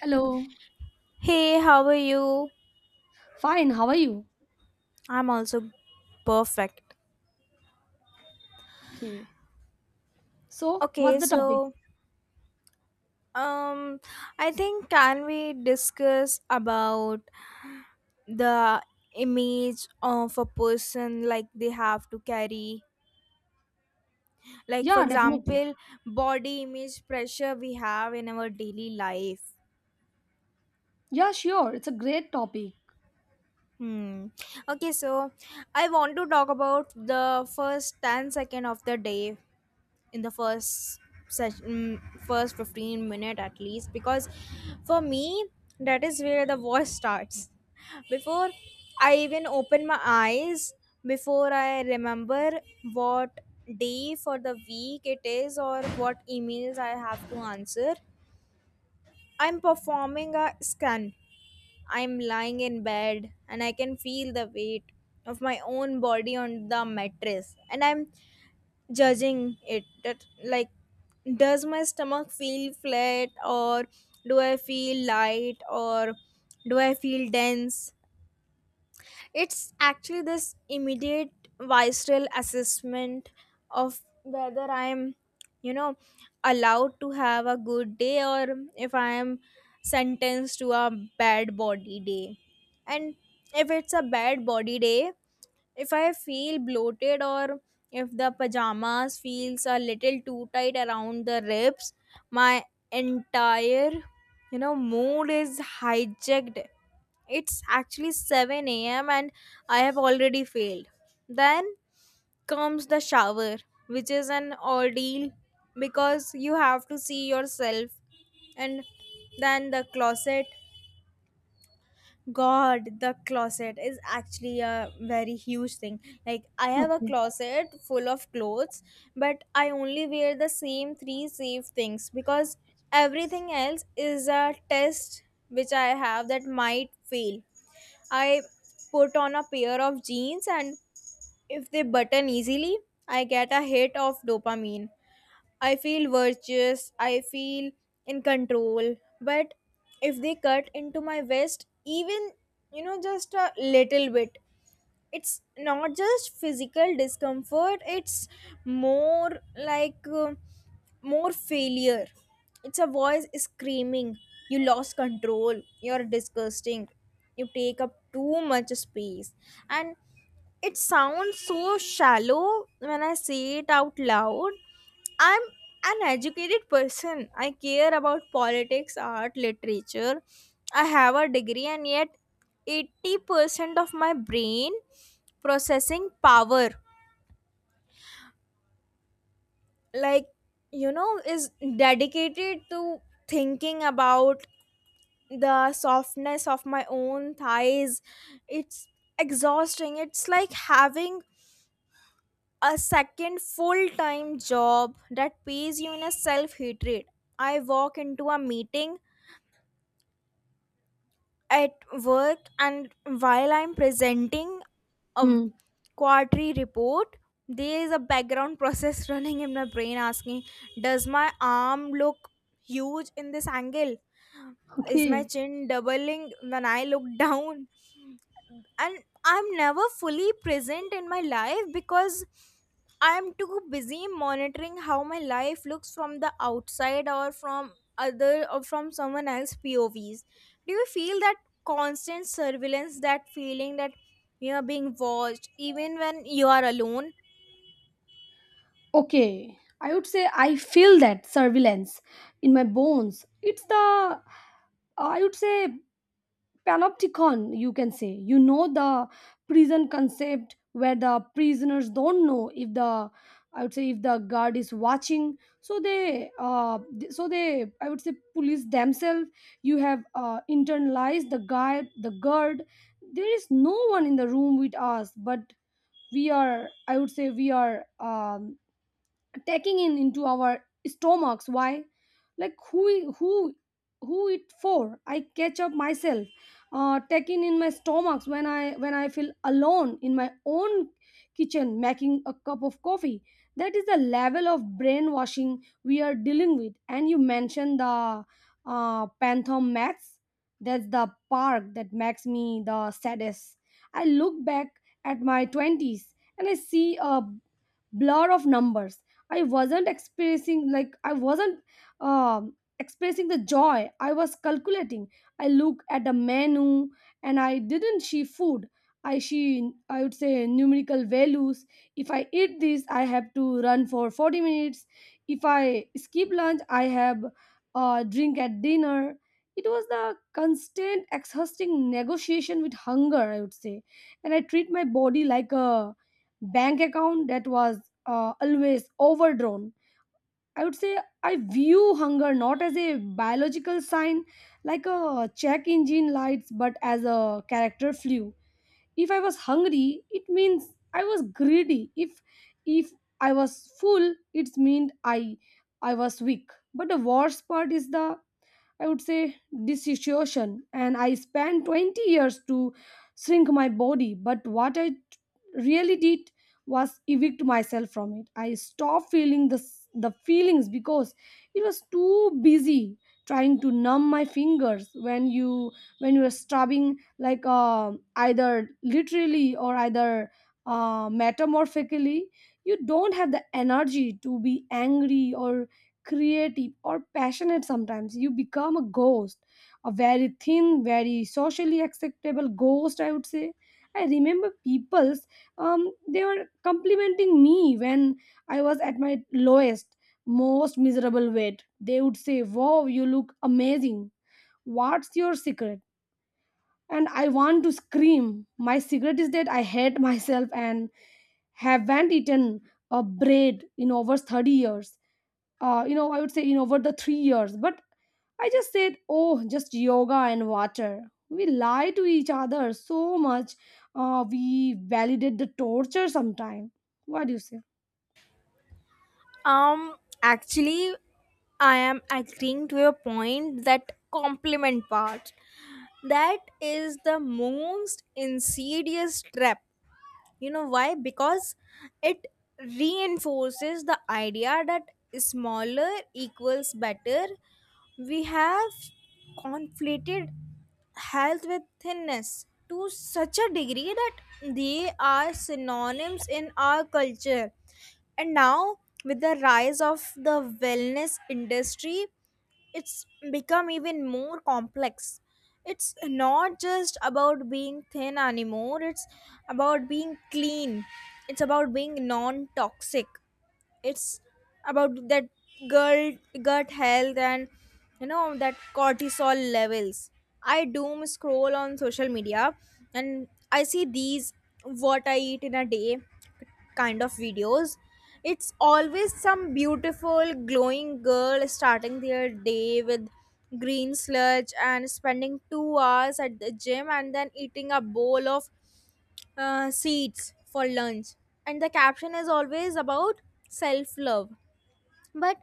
Hello. Hey, how are you? Fine. How are you? I'm also perfect. Okay. So, what's Okay, the topic? so um I think can we discuss about the image of a person like they have to carry, like, for Yeah, definitely. example, body image pressure we have in our daily life Yeah, sure. It's a great topic. hmm okay, so I want to talk about the first 10 second of the day, in the first session, first 15 minute at least, because for me that is where the war starts. Before I even open my eyes, before I remember what day for the week it is or what emails I have to answer, I'm performing a scan. I'm lying in bed and I can feel the weight of my own body on the mattress, and I'm judging it. That like, does my stomach feel flat, or do I feel light, or do I feel dense? It's actually this immediate visceral assessment of whether I'm, you know, allowed to have a good day, or if I am sentenced to a bad body day. And if it's a bad body day, if I feel bloated, or if the pajamas feels a little too tight around the ribs, my entire, you know, mood is hijacked. It's actually 7 a.m. and I have already failed. Then comes the shower, which is an ordeal because you have to see yourself. And then the closet. God, the closet is actually a very huge thing. Like, I have a Okay. closet full of clothes, but I only wear the same three safe things because everything else is a test which I have that might fail. I put on a pair of jeans, and if they button easily, I get a hit of dopamine. I feel virtuous, I feel in control. But if they cut into my waist, even, you know, just a little bit, it's not just physical discomfort, it's more like uh, more failure. It's a voice screaming, "You lost control, you're disgusting, you take up too much space." And it sounds so shallow when I say it out loud. I'm an educated person. I care about politics, art, literature. I have a degree, and yet 80% of my brain processing power, like, you know, is dedicated to thinking about the softness of my own thighs. It's exhausting. It's like having a second full time job that pays you in a self hatred. I walk into a meeting at work, and while I'm presenting a Hmm. quarterly report, there is a background process running in my brain asking, does my arm look huge in this angle, is my Okay. chin doubling when I look down? And I'm never fully present in my life because I'm too busy monitoring how my life looks from the outside, or from other, or from someone else povs. Do you feel that constant surveillance, that feeling that you are being watched even when you are alone? Okay, I would say I feel that surveillance in my bones. It's the, I would say, panopticon, you can say, you know, the prison concept where the prisoners don't know if the, I would say, if the guard is watching, so they I would say police themselves. You have internalized the guard. There is no one in the room with us, but we are I would say we are um, taking in into our stomachs. Why? Like, who, who it for? I catch up myself uh, taking in my stomachs when I feel alone in my own kitchen making a cup of coffee. That is the level of brainwashing we are dealing with. And you mentioned the uh, phantom max. That's the park that makes me the saddest. I look back at my twenties and I see a blur of numbers. I wasn't experiencing, like, I wasn't expressing the joy, I was calculating. I look at the menu and I didn't see food. I see, I would say, numerical values. If I eat this, I have to run for 40 minutes. If I skip lunch, I have a drink at dinner. It was the constant exhausting negotiation with hunger, I would say. And I treat my body like a bank account that was always overdrawn. I would say I view hunger not as a biological sign, like a check engine lights, but as a character flu. If I was hungry, it means I was greedy. If I was full, it meant I was weak. But the worst part is the, I would say, dissociation. And I spent 20 years to shrink my body. But what I really did was evict myself from it. I stopped feeling the feelings because it was too busy trying to numb my fingers when you, when you're stabbing, like, either literally or either metamorphically. You don't have the energy to be angry or creative or passionate. Sometimes you become a ghost, a very thin, very socially acceptable ghost, I would say. I remember people's um, they were complimenting me when I was at my lowest, most miserable weight. They would say, "Wow, you look amazing. What's your secret?" And I want to scream, my secret is that I hate myself and haven't eaten a bread in over 30 years. You know, I would say, you know, over the 3 years. But I just said, oh, just yoga and water. We lie to each other so much. We validate the torture sometime. What do you say? um Actually, I am agreeing to your point that compliment part, that is the most insidious trap. You know why? Because it reinforces the idea that smaller equals better. We have conflated health with thinness to such a degree that they are synonyms in our culture. And now, with the rise of the wellness industry, it's become even more complex. It's not just about being thin anymore, it's about being clean, it's about being non toxic, it's about that girl gut health and, you know, that cortisol levels. I doom scroll on social media, and I see these "what I eat in a day" kind of videos. It's always some beautiful glowing girl starting their day with green sludge and spending 2 hours at the gym and then eating a bowl of seeds for lunch, and the caption is always about self love. But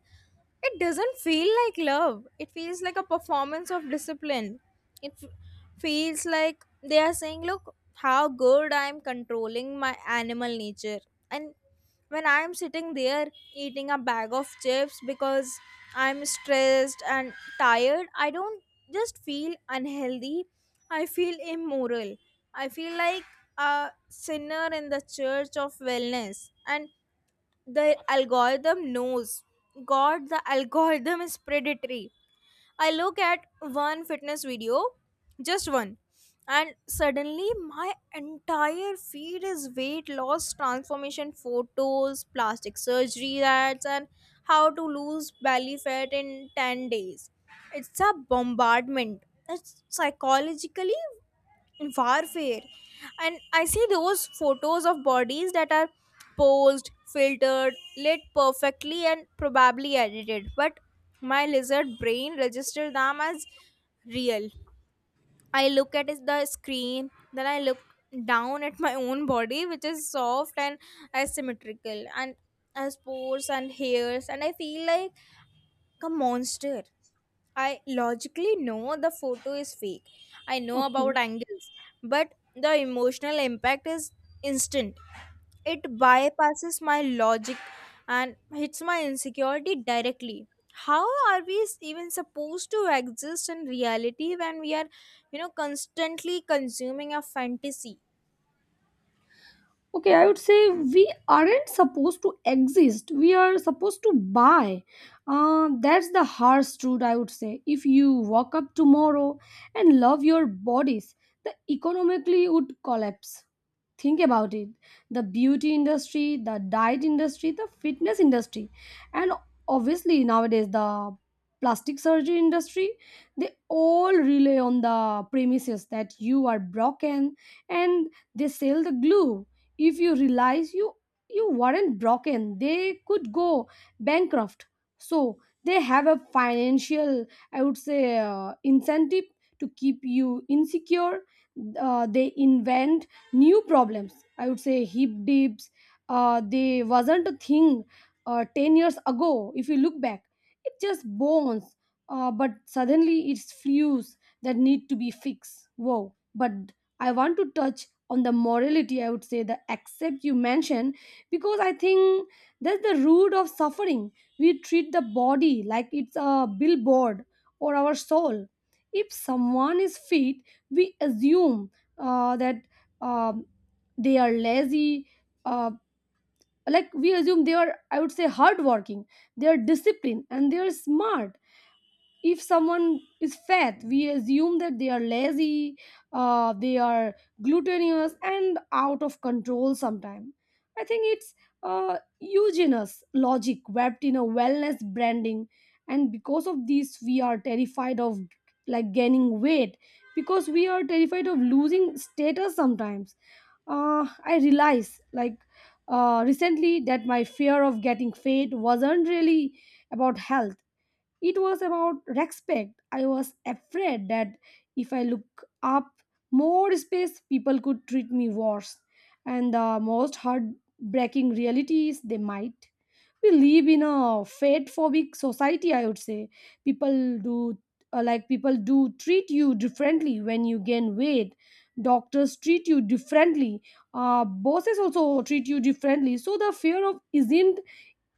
it doesn't feel like love. It feels like a performance of discipline. It f- feels like they are saying, "Look, how good I'm controlling my animal nature." And when I'm sitting there eating a bag of chips because I'm stressed and tired, I don't just feel unhealthy. I feel immoral. I feel like a sinner in the church of wellness. And the algorithm knows. God, the algorithm is predatory. I look at one fitness video, just one, and suddenly my entire feed is weight loss transformation photos, plastic surgery ads, and how to lose belly fat in 10 days. It's a bombardment. It's psychologically warfare. And I see those photos of bodies that are posed, filtered, lit perfectly, and probably edited, but my lizard brain registers them as real. I look at is the screen, then I look down at my own body, which is soft and asymmetrical and has pores and hairs, and I feel like a monster. I logically know the photo is fake. I know Okay. about angles, but the emotional impact is instant. It bypasses my logic and hits my insecurity directly. How are we even supposed to exist in reality when we are, you know, constantly consuming a fantasy? Okay, I would say we aren't supposed to exist. We are supposed to buy. That's the harsh truth, I would say. If you wake up tomorrow and love your bodies, the economically would collapse. Think about it. The beauty industry, the diet industry, the fitness industry, and obviously nowadays the plastic surgery industry, they all rely on the premises that you are broken, and they sell the glue. If you realize you weren't broken, they could go bankrupt. So they have a financial, I would say, incentive to keep you insecure. They invent new problems, I would say, hip dips. Uh, they wasn't a thing 10 years ago. If you look back, it's just bones. Uh, but suddenly it's fuse that need to be fixed. Wow. But I want to touch on the morality, I would say, the accept you mentioned, because I think that's the root of suffering. We treat the body like it's a billboard or our soul. If someone is fit, we assume that um, they are lazy, uh, like, we assume they are, I would say, hardworking, they are disciplined, and they are smart. If someone is fat, we assume that they are lazy, they are glutinous and out of control. Sometimes I think it's eugenous logic wrapped in a wellness branding. And because of this, we are terrified of, like, gaining weight, because we are terrified of losing status. Sometimes I realize, like, recently, that my fear of getting fat wasn't really about health. It was about respect. I was afraid that if I look up more space, people could treat me worse. And the most heartbreaking reality is they might. We live in a fate phobic society, I would say. People do like, people do treat you differently when you gain weight. Doctors treat you differently. Bosses also treat you differently. So the fear of isn't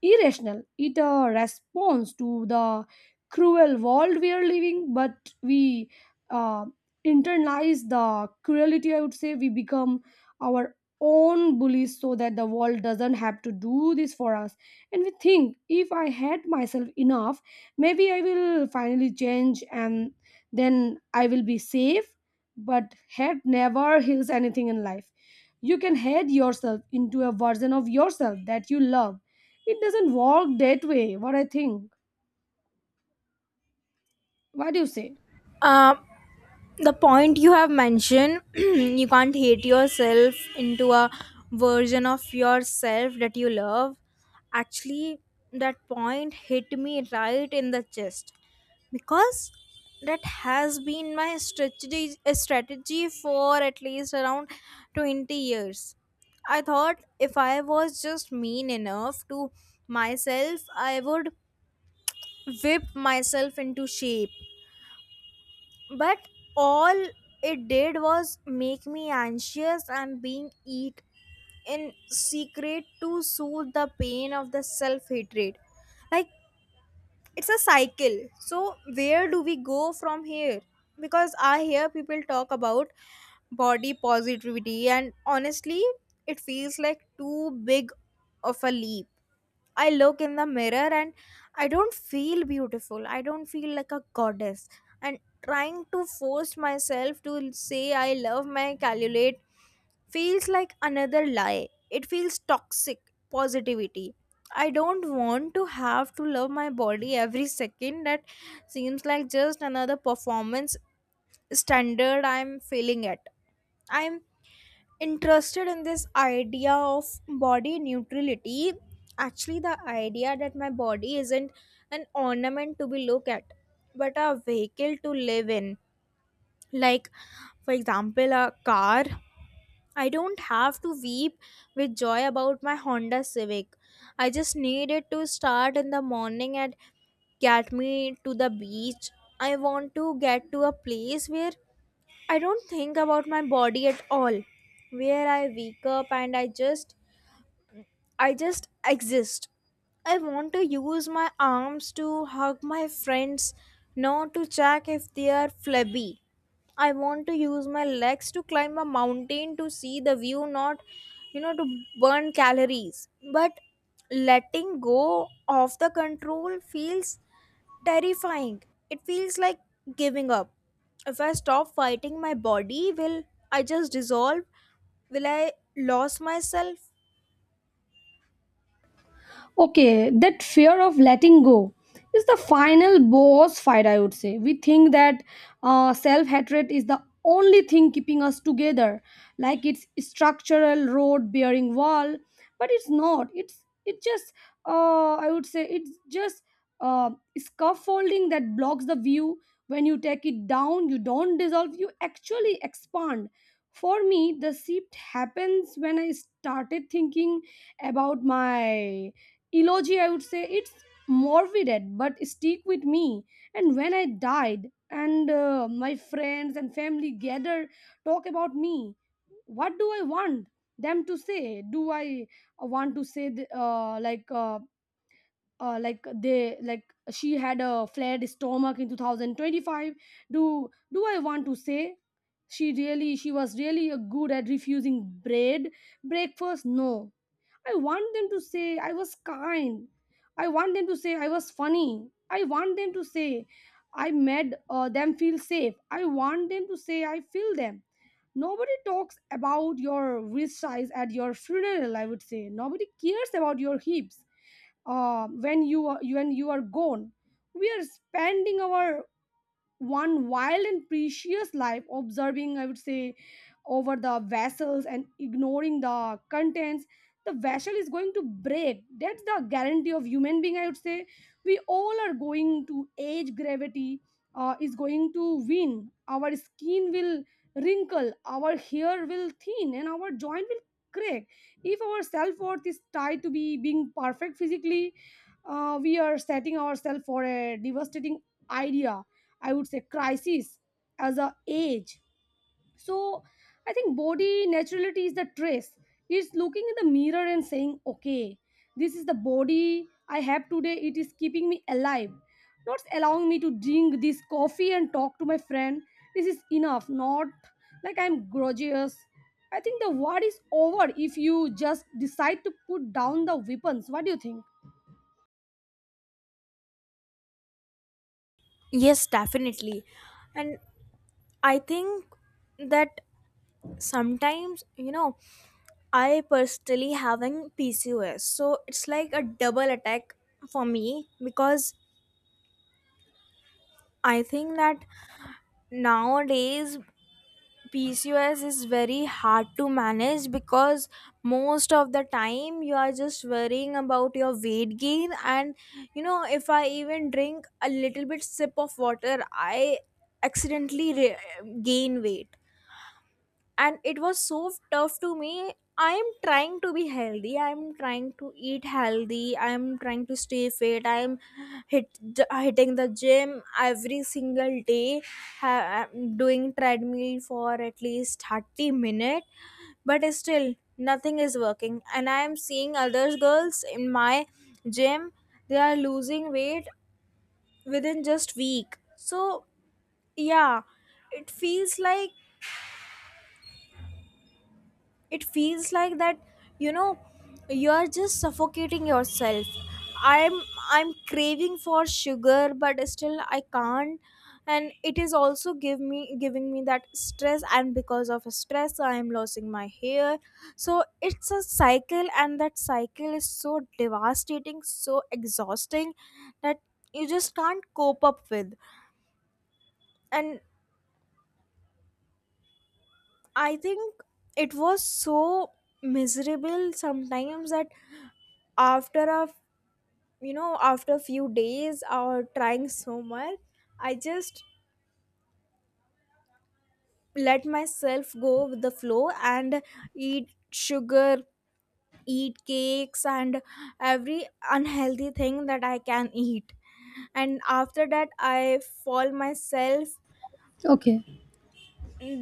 irrational. It responds to the cruel world we are living, but we uh, internalize the cruelty. I would say we become our own bullies so that the world doesn't have to do this for us. And we think if I hate myself enough, maybe I will finally change and then I will be safe. But hate never heals anything in life. You can hate yourself into a version of yourself that you love. It doesn't work that way, what I think. What do you say? Um the point you have mentioned you can't hate yourself into a version of yourself that you love, actually that point hit me right in the chest. Because that has been my strategy for at least around 20 years. I thought if I was just mean enough to myself I would whip myself into shape. But all it did was make me anxious and being eat in secret to soothe the pain of the self-hatred. Like, it's a cycle. So where do we go from here? Because I hear people talk about body positivity and honestly it feels like too big of a leap. I look in the mirror and I don't feel beautiful. I don't feel like a goddess. And trying to force myself to say I love my cellulite feels like another lie. It feels toxic positivity. I don't want to have to love my body every second. That seems like just another performance standard I'm failing at. I'm interested in this idea of body neutrality, actually the idea that my body isn't an ornament to be looked at but a vehicle to live in. Like, for example, a car. I don't have to weep with joy about my Honda Civic. I just need it to start in the morning and get me to the beach. I want to get to a place where I don't think about my body at all, where I wake up and I just exist. I want to use my arms to hug my friends, not to check if they are flabby. I want to use my legs to climb a mountain to see the view, not, you know, to burn calories. But letting go of the control feels terrifying. It feels like giving up. If I stop fighting my body, will I just dissolve? Will I lose myself? Okay, that fear of letting go is the final boss fight, I would say. We think that self hatred is the only thing keeping us together, like it's structural road bearing wall, but it's not. It just I would say it's just uh, scaffolding that blocks the view. When you take it down, you don't dissolve. You actually expand. For me, the shift happens when I started thinking about my eulogy, I would say. It's morbid, but stick with me. And when I died and my friends and family gather, talk about me, what do I want them to say? Do I want to say th- like they like she had a flared stomach in 2025? Do do I want to say she really, she was really good at refusing bread breakfast? No. I want them to say I was kind. I want them to say I was funny. I want them to say I made them feel safe. I want them to say I feel them. Nobody talks about your wrist size at your funeral, I would say. Nobody cares about your hips when you are, when you are gone. We are spending our one wild and precious life observing, I would say, over the vessels and ignoring the contents. The vessel is going to break. That's the guarantee of human being, I would say. We all are going to age. Gravity is going to win. Our skin will wrinkle, our hair will thin, and our joint will crack. If our self-worth is tied to be being perfect physically, we are setting ourselves for a devastating idea, I would say, crisis, as a age. So I think body naturality is the trace. It's looking in the mirror and saying, okay, this is the body I have today. It is keeping me alive, not allowing me to drink this coffee and talk to my friend. This is enough, not like I'm gorgeous. I think the war is over if you just decide to put down the weapons. What do you think? Yes, definitely. And I think that sometimes, you know, I personally having PCOS, so it's like a double attack for me. Because I think that nowadays PCOS is very hard to manage, because most of the time you are just worrying about your weight gain. And, you know, if I even drink a little bit sip of water I accidentally gain weight. And it was so tough to me. I am trying to be healthy, I am trying to eat healthy, I am trying to stay fit, I am hit, hitting the gym every single day. I'm doing treadmill for at least 30 minutes, but still nothing is working. And I am seeing other girls in my gym, they are losing weight within just week. So, yeah, it feels like, it feels like that, you know, you are just suffocating yourself. I'm i'm craving for sugar but still I can't. And it is also give me giving me that stress, and because of stress I am losing my hair. So it's a cycle, and that cycle is so devastating, so exhausting, that you just can't cope up with. And I think it was so miserable sometimes that after a f- you know, after a few days or trying so much, I just let myself go with the flow and eat sugar, eat cakes and every unhealthy thing that I can eat. And after that I fall myself, Okay.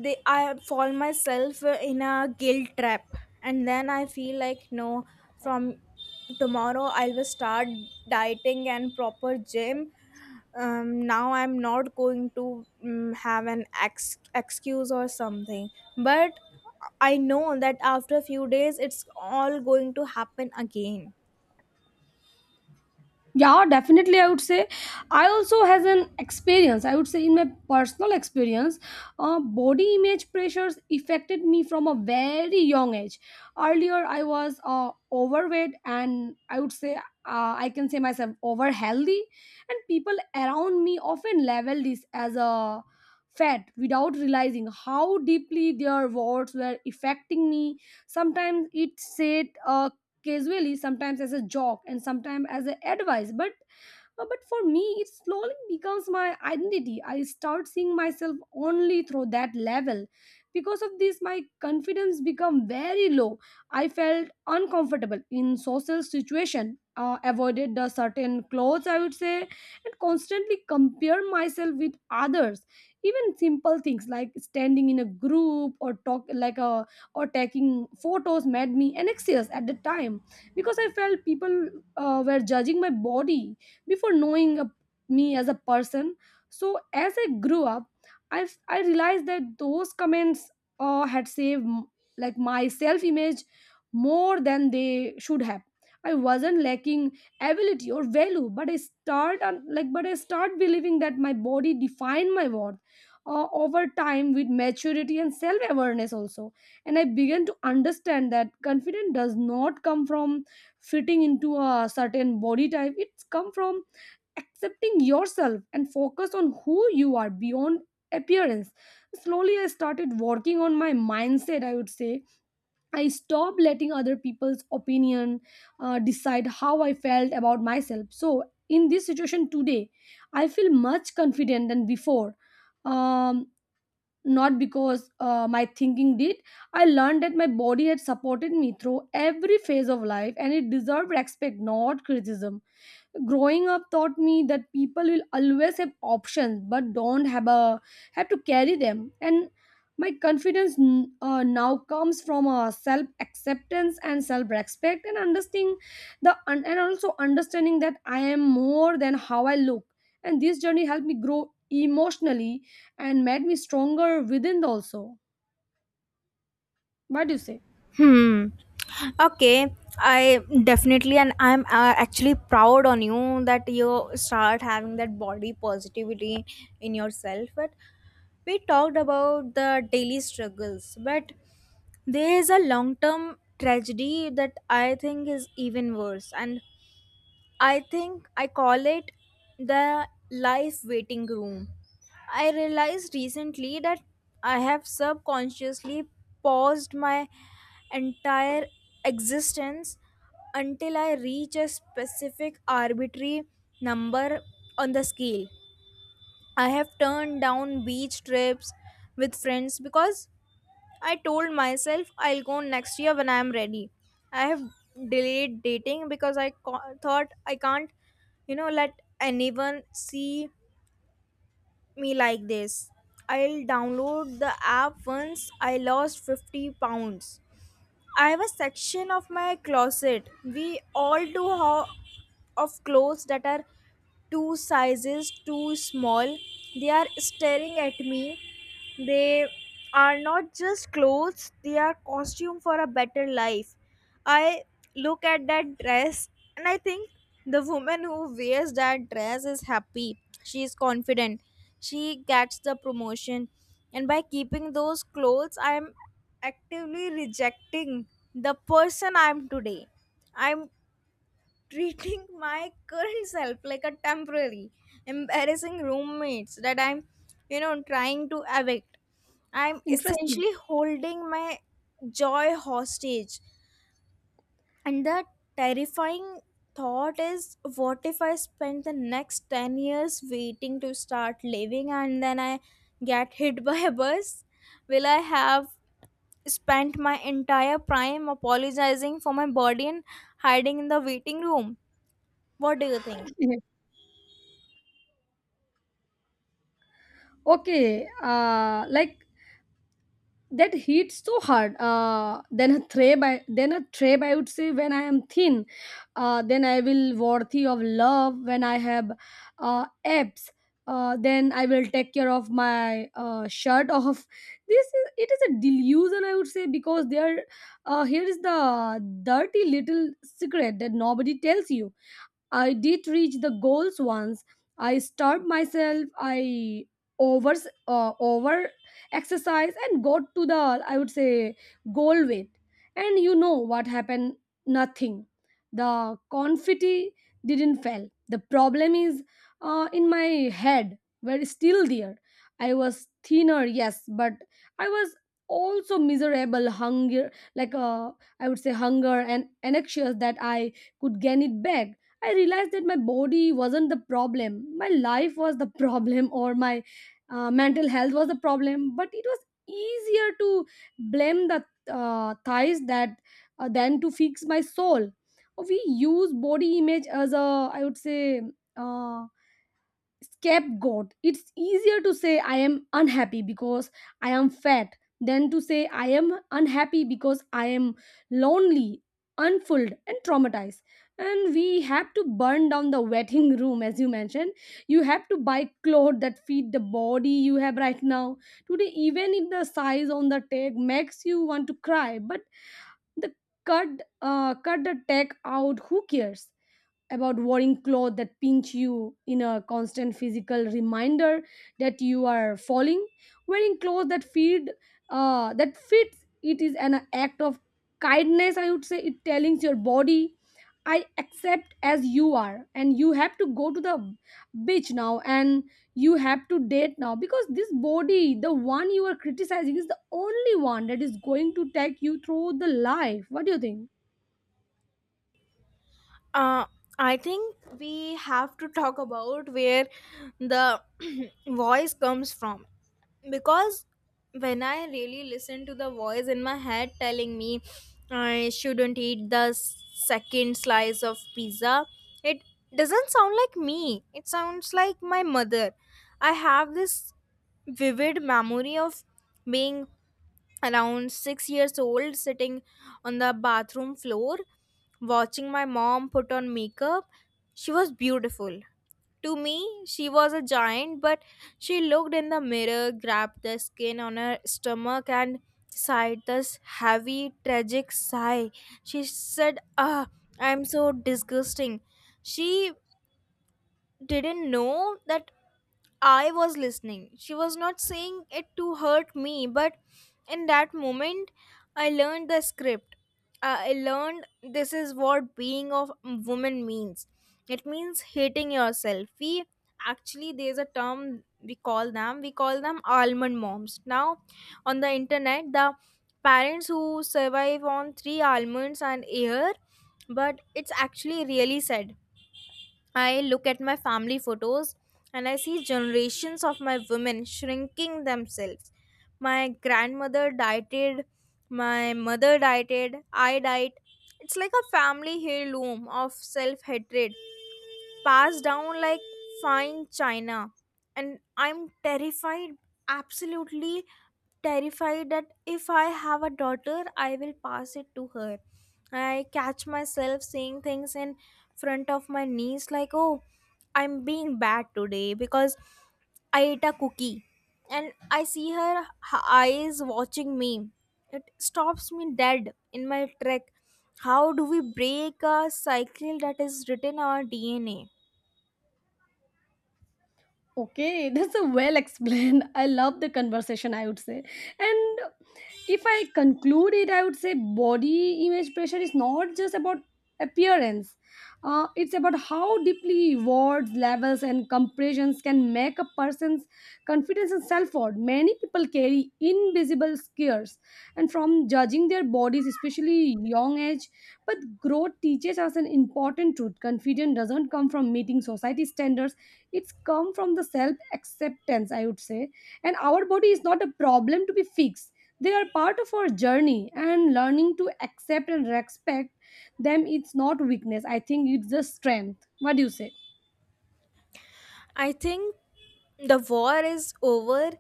they I fall myself in a guilt trap. And then I feel like, no, from tomorrow I will start dieting and proper gym. Now I'm not going to excuse or something. But I know that after a few days it's all going to happen again. Yeah, definitely, I would say. I also has an experience, I would say, in my personal experience, body image pressures affected me from a very young age. Earlier, I was overweight, and I would say I can say myself over healthy, and people around me often label this as a fat without realizing how deeply their words were affecting me. Sometimes it said casually, sometimes as a joke, and sometimes as a advice. But for me, it slowly becomes my identity. I start seeing myself only through that level. Because of this, my confidence become very low. I felt uncomfortable in social situation. Avoided the certain clothes, I would say, and constantly compare myself with others. Even simple things like standing in a group or talk like a or taking photos made me anxious at the time because I felt people were judging my body before me as a person. So as I grew up, I realized that those comments had saved my self image more than they should have. I wasn't lacking ability or value, but I start on- like but I start believing that my body defined my worth. Over time, with maturity and self awareness also, and I began to understand that confidence does not come from fitting into a certain body type. It's come from accepting yourself and focus on who you are beyond appearance. Slowly I started working on my mindset, I would say. I stopped letting other people's opinion decide how I felt about myself. So in this situation today, I feel much confident than before. um, Not because my thinking did, I learned that my body had supported me through every phase of life, and it deserved respect, not criticism. Growing up taught me that people will always have options, but don't have to carry them. And my confidence now comes from a self acceptance and self respect and understanding the and also understanding that I am more than how I look. And this journey helped me grow emotionally and made me stronger within also. What do you say? Hmm. Okay. I definitely, and I'm actually proud on you that you start having that body positivity in yourself. But we talked about the daily struggles, but there is a long term tragedy that I think is even worse, and I think I call it the life waiting room. I realized recently that I have subconsciously paused my entire existence until I reach a specific arbitrary number on the scale. I have turned down beach trips with friends because I told myself I'll go next year when I am ready. I have delayed dating because thought I can't, let anyone see me like this. I'll download the app once I lost 50 pounds. I have a section of my closet, we all do, of clothes that are two sizes too small. They are staring at me. They are not just clothes, they are costume for a better life. I look at that dress and I think the woman who wears that dress is happy. She is confident. She gets the promotion. And by keeping those clothes, I am actively rejecting the person I am today. I'm treating my current self like a temporary, embarrassing roommates that I'm trying to evict. I'm Interesting. essentially holding my joy hostage, and the terrifying thought is, what if I spend the next 10 years waiting to start living and then I get hit by a bus? Will I have spent my entire prime apologizing for my body and hiding in the waiting room? What do you think? Okay, like, that hits so hard. Then a tray by then a tray, I would say, when I am thin, then I will worthy of love, when I have abs, then I will take care of my shirt off. This is it is a delusion, I would say, because there here is the dirty little secret that nobody tells you. I did reach the goals once. I starved myself. I over over exercise and got to the, I would say, goal weight. And you know what happened? Nothing. The confetti didn't fail. The problem is, in my head, were still there. I was thinner, yes, but I was also miserable, hunger, like uh, I would say, hunger and anxious that I could gain it back. I realized that my body wasn't the problem. My life was the problem, or my mental health was the problem. But it was easier to blame the thighs that than to fix my soul. We use body image as a, I would say, uh, scapegoat. It's easier to say I am unhappy because I am fat than to say I am unhappy because I am lonely, unfulfilled, and traumatized. And we have to burn down the waiting room, as you mentioned. You have to buy clothes that fit the body you have right now, today, even if the size on the tag makes you want to cry. But the cut uh, cut the tag out. Who cares about wearing clothes that pinch you in a constant physical reminder that you are falling? Wearing clothes that feed that fits it is an act of kindness, I would say. It telling your body I accept as you are. And you have to go to the beach now, and you have to date now, because this body, the one you are criticizing, is the only one that is going to take you through the life. What do you think? Uh, I think we have to talk about where the voice comes from, because when I really listen to the voice in my head telling me I shouldn't eat the second slice of pizza, it doesn't sound like me, it sounds like my mother. I have this vivid memory of being around 6 years old, sitting on the bathroom floor, watching my mom put on makeup. She was beautiful. To me, she was a giant, but she looked in the mirror, grabbed the skin on her stomach, and sighed this heavy, tragic sigh. She said, "Ah, I'm so disgusting." She didn't know that I was listening. She was not saying it to hurt me, but in that moment, I learned the script. I learned this is what being of woman means. It means hating yourself. We actually there's a term we call them. We call them almond moms now, on the internet, the parents who survive on three almonds and air, but it's actually really sad. I look at my family photos and I see generations of my women shrinking themselves. My grandmother dieted, my mother dieted, I diet. It's like a family heirloom of self hatred, passed down like fine china. And I'm terrified, absolutely terrified, that if I have a daughter, I will pass it to her. I catch myself saying things in front of my niece like, "Oh, I'm being bad today because I ate a cookie." And I see her eyes watching me. It stops me dead in my track. How do we break a cycle that is written in our DNA? Okay, that's a well explained. I love the conversation, I would say. And if I conclude it, I would say body image pressure is not just about appearance. It's about how deeply words, levels, and comparisons can make a person's confidence and self worth. Many people carry invisible scares and from judging their bodies, especially young age. But growth teaches us an important truth. Confidence doesn't come from meeting society standards. It's come from the self acceptance, I would say. And our body is not a problem to be fixed. They are part of our journey, and learning to accept and respect them, it's not weakness, I think. It's just strength. What do you say? I think the war is over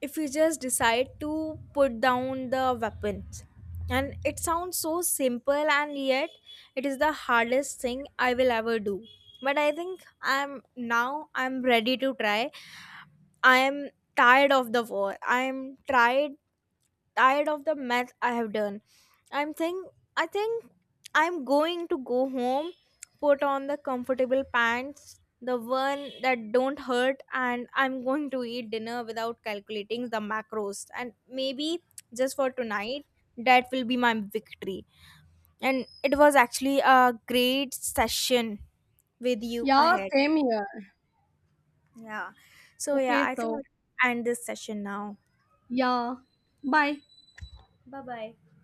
if we just decide to put down the weapons. And it sounds so simple, and yet it is the hardest thing I will ever do. But I think I'm now I'm ready to try. I am tired of the war. I am tired of the math I have done. I'm think I think I'm going to go home, put on the comfortable pants, the one that don't hurt, and I'm going to eat dinner without calculating the macros. And maybe just for tonight, that will be my victory. And it was actually a great session with you Yeah, ahead. same here. Yeah. So yeah, Okay, I think so we end this session now. yeah. Bye. Bye bye.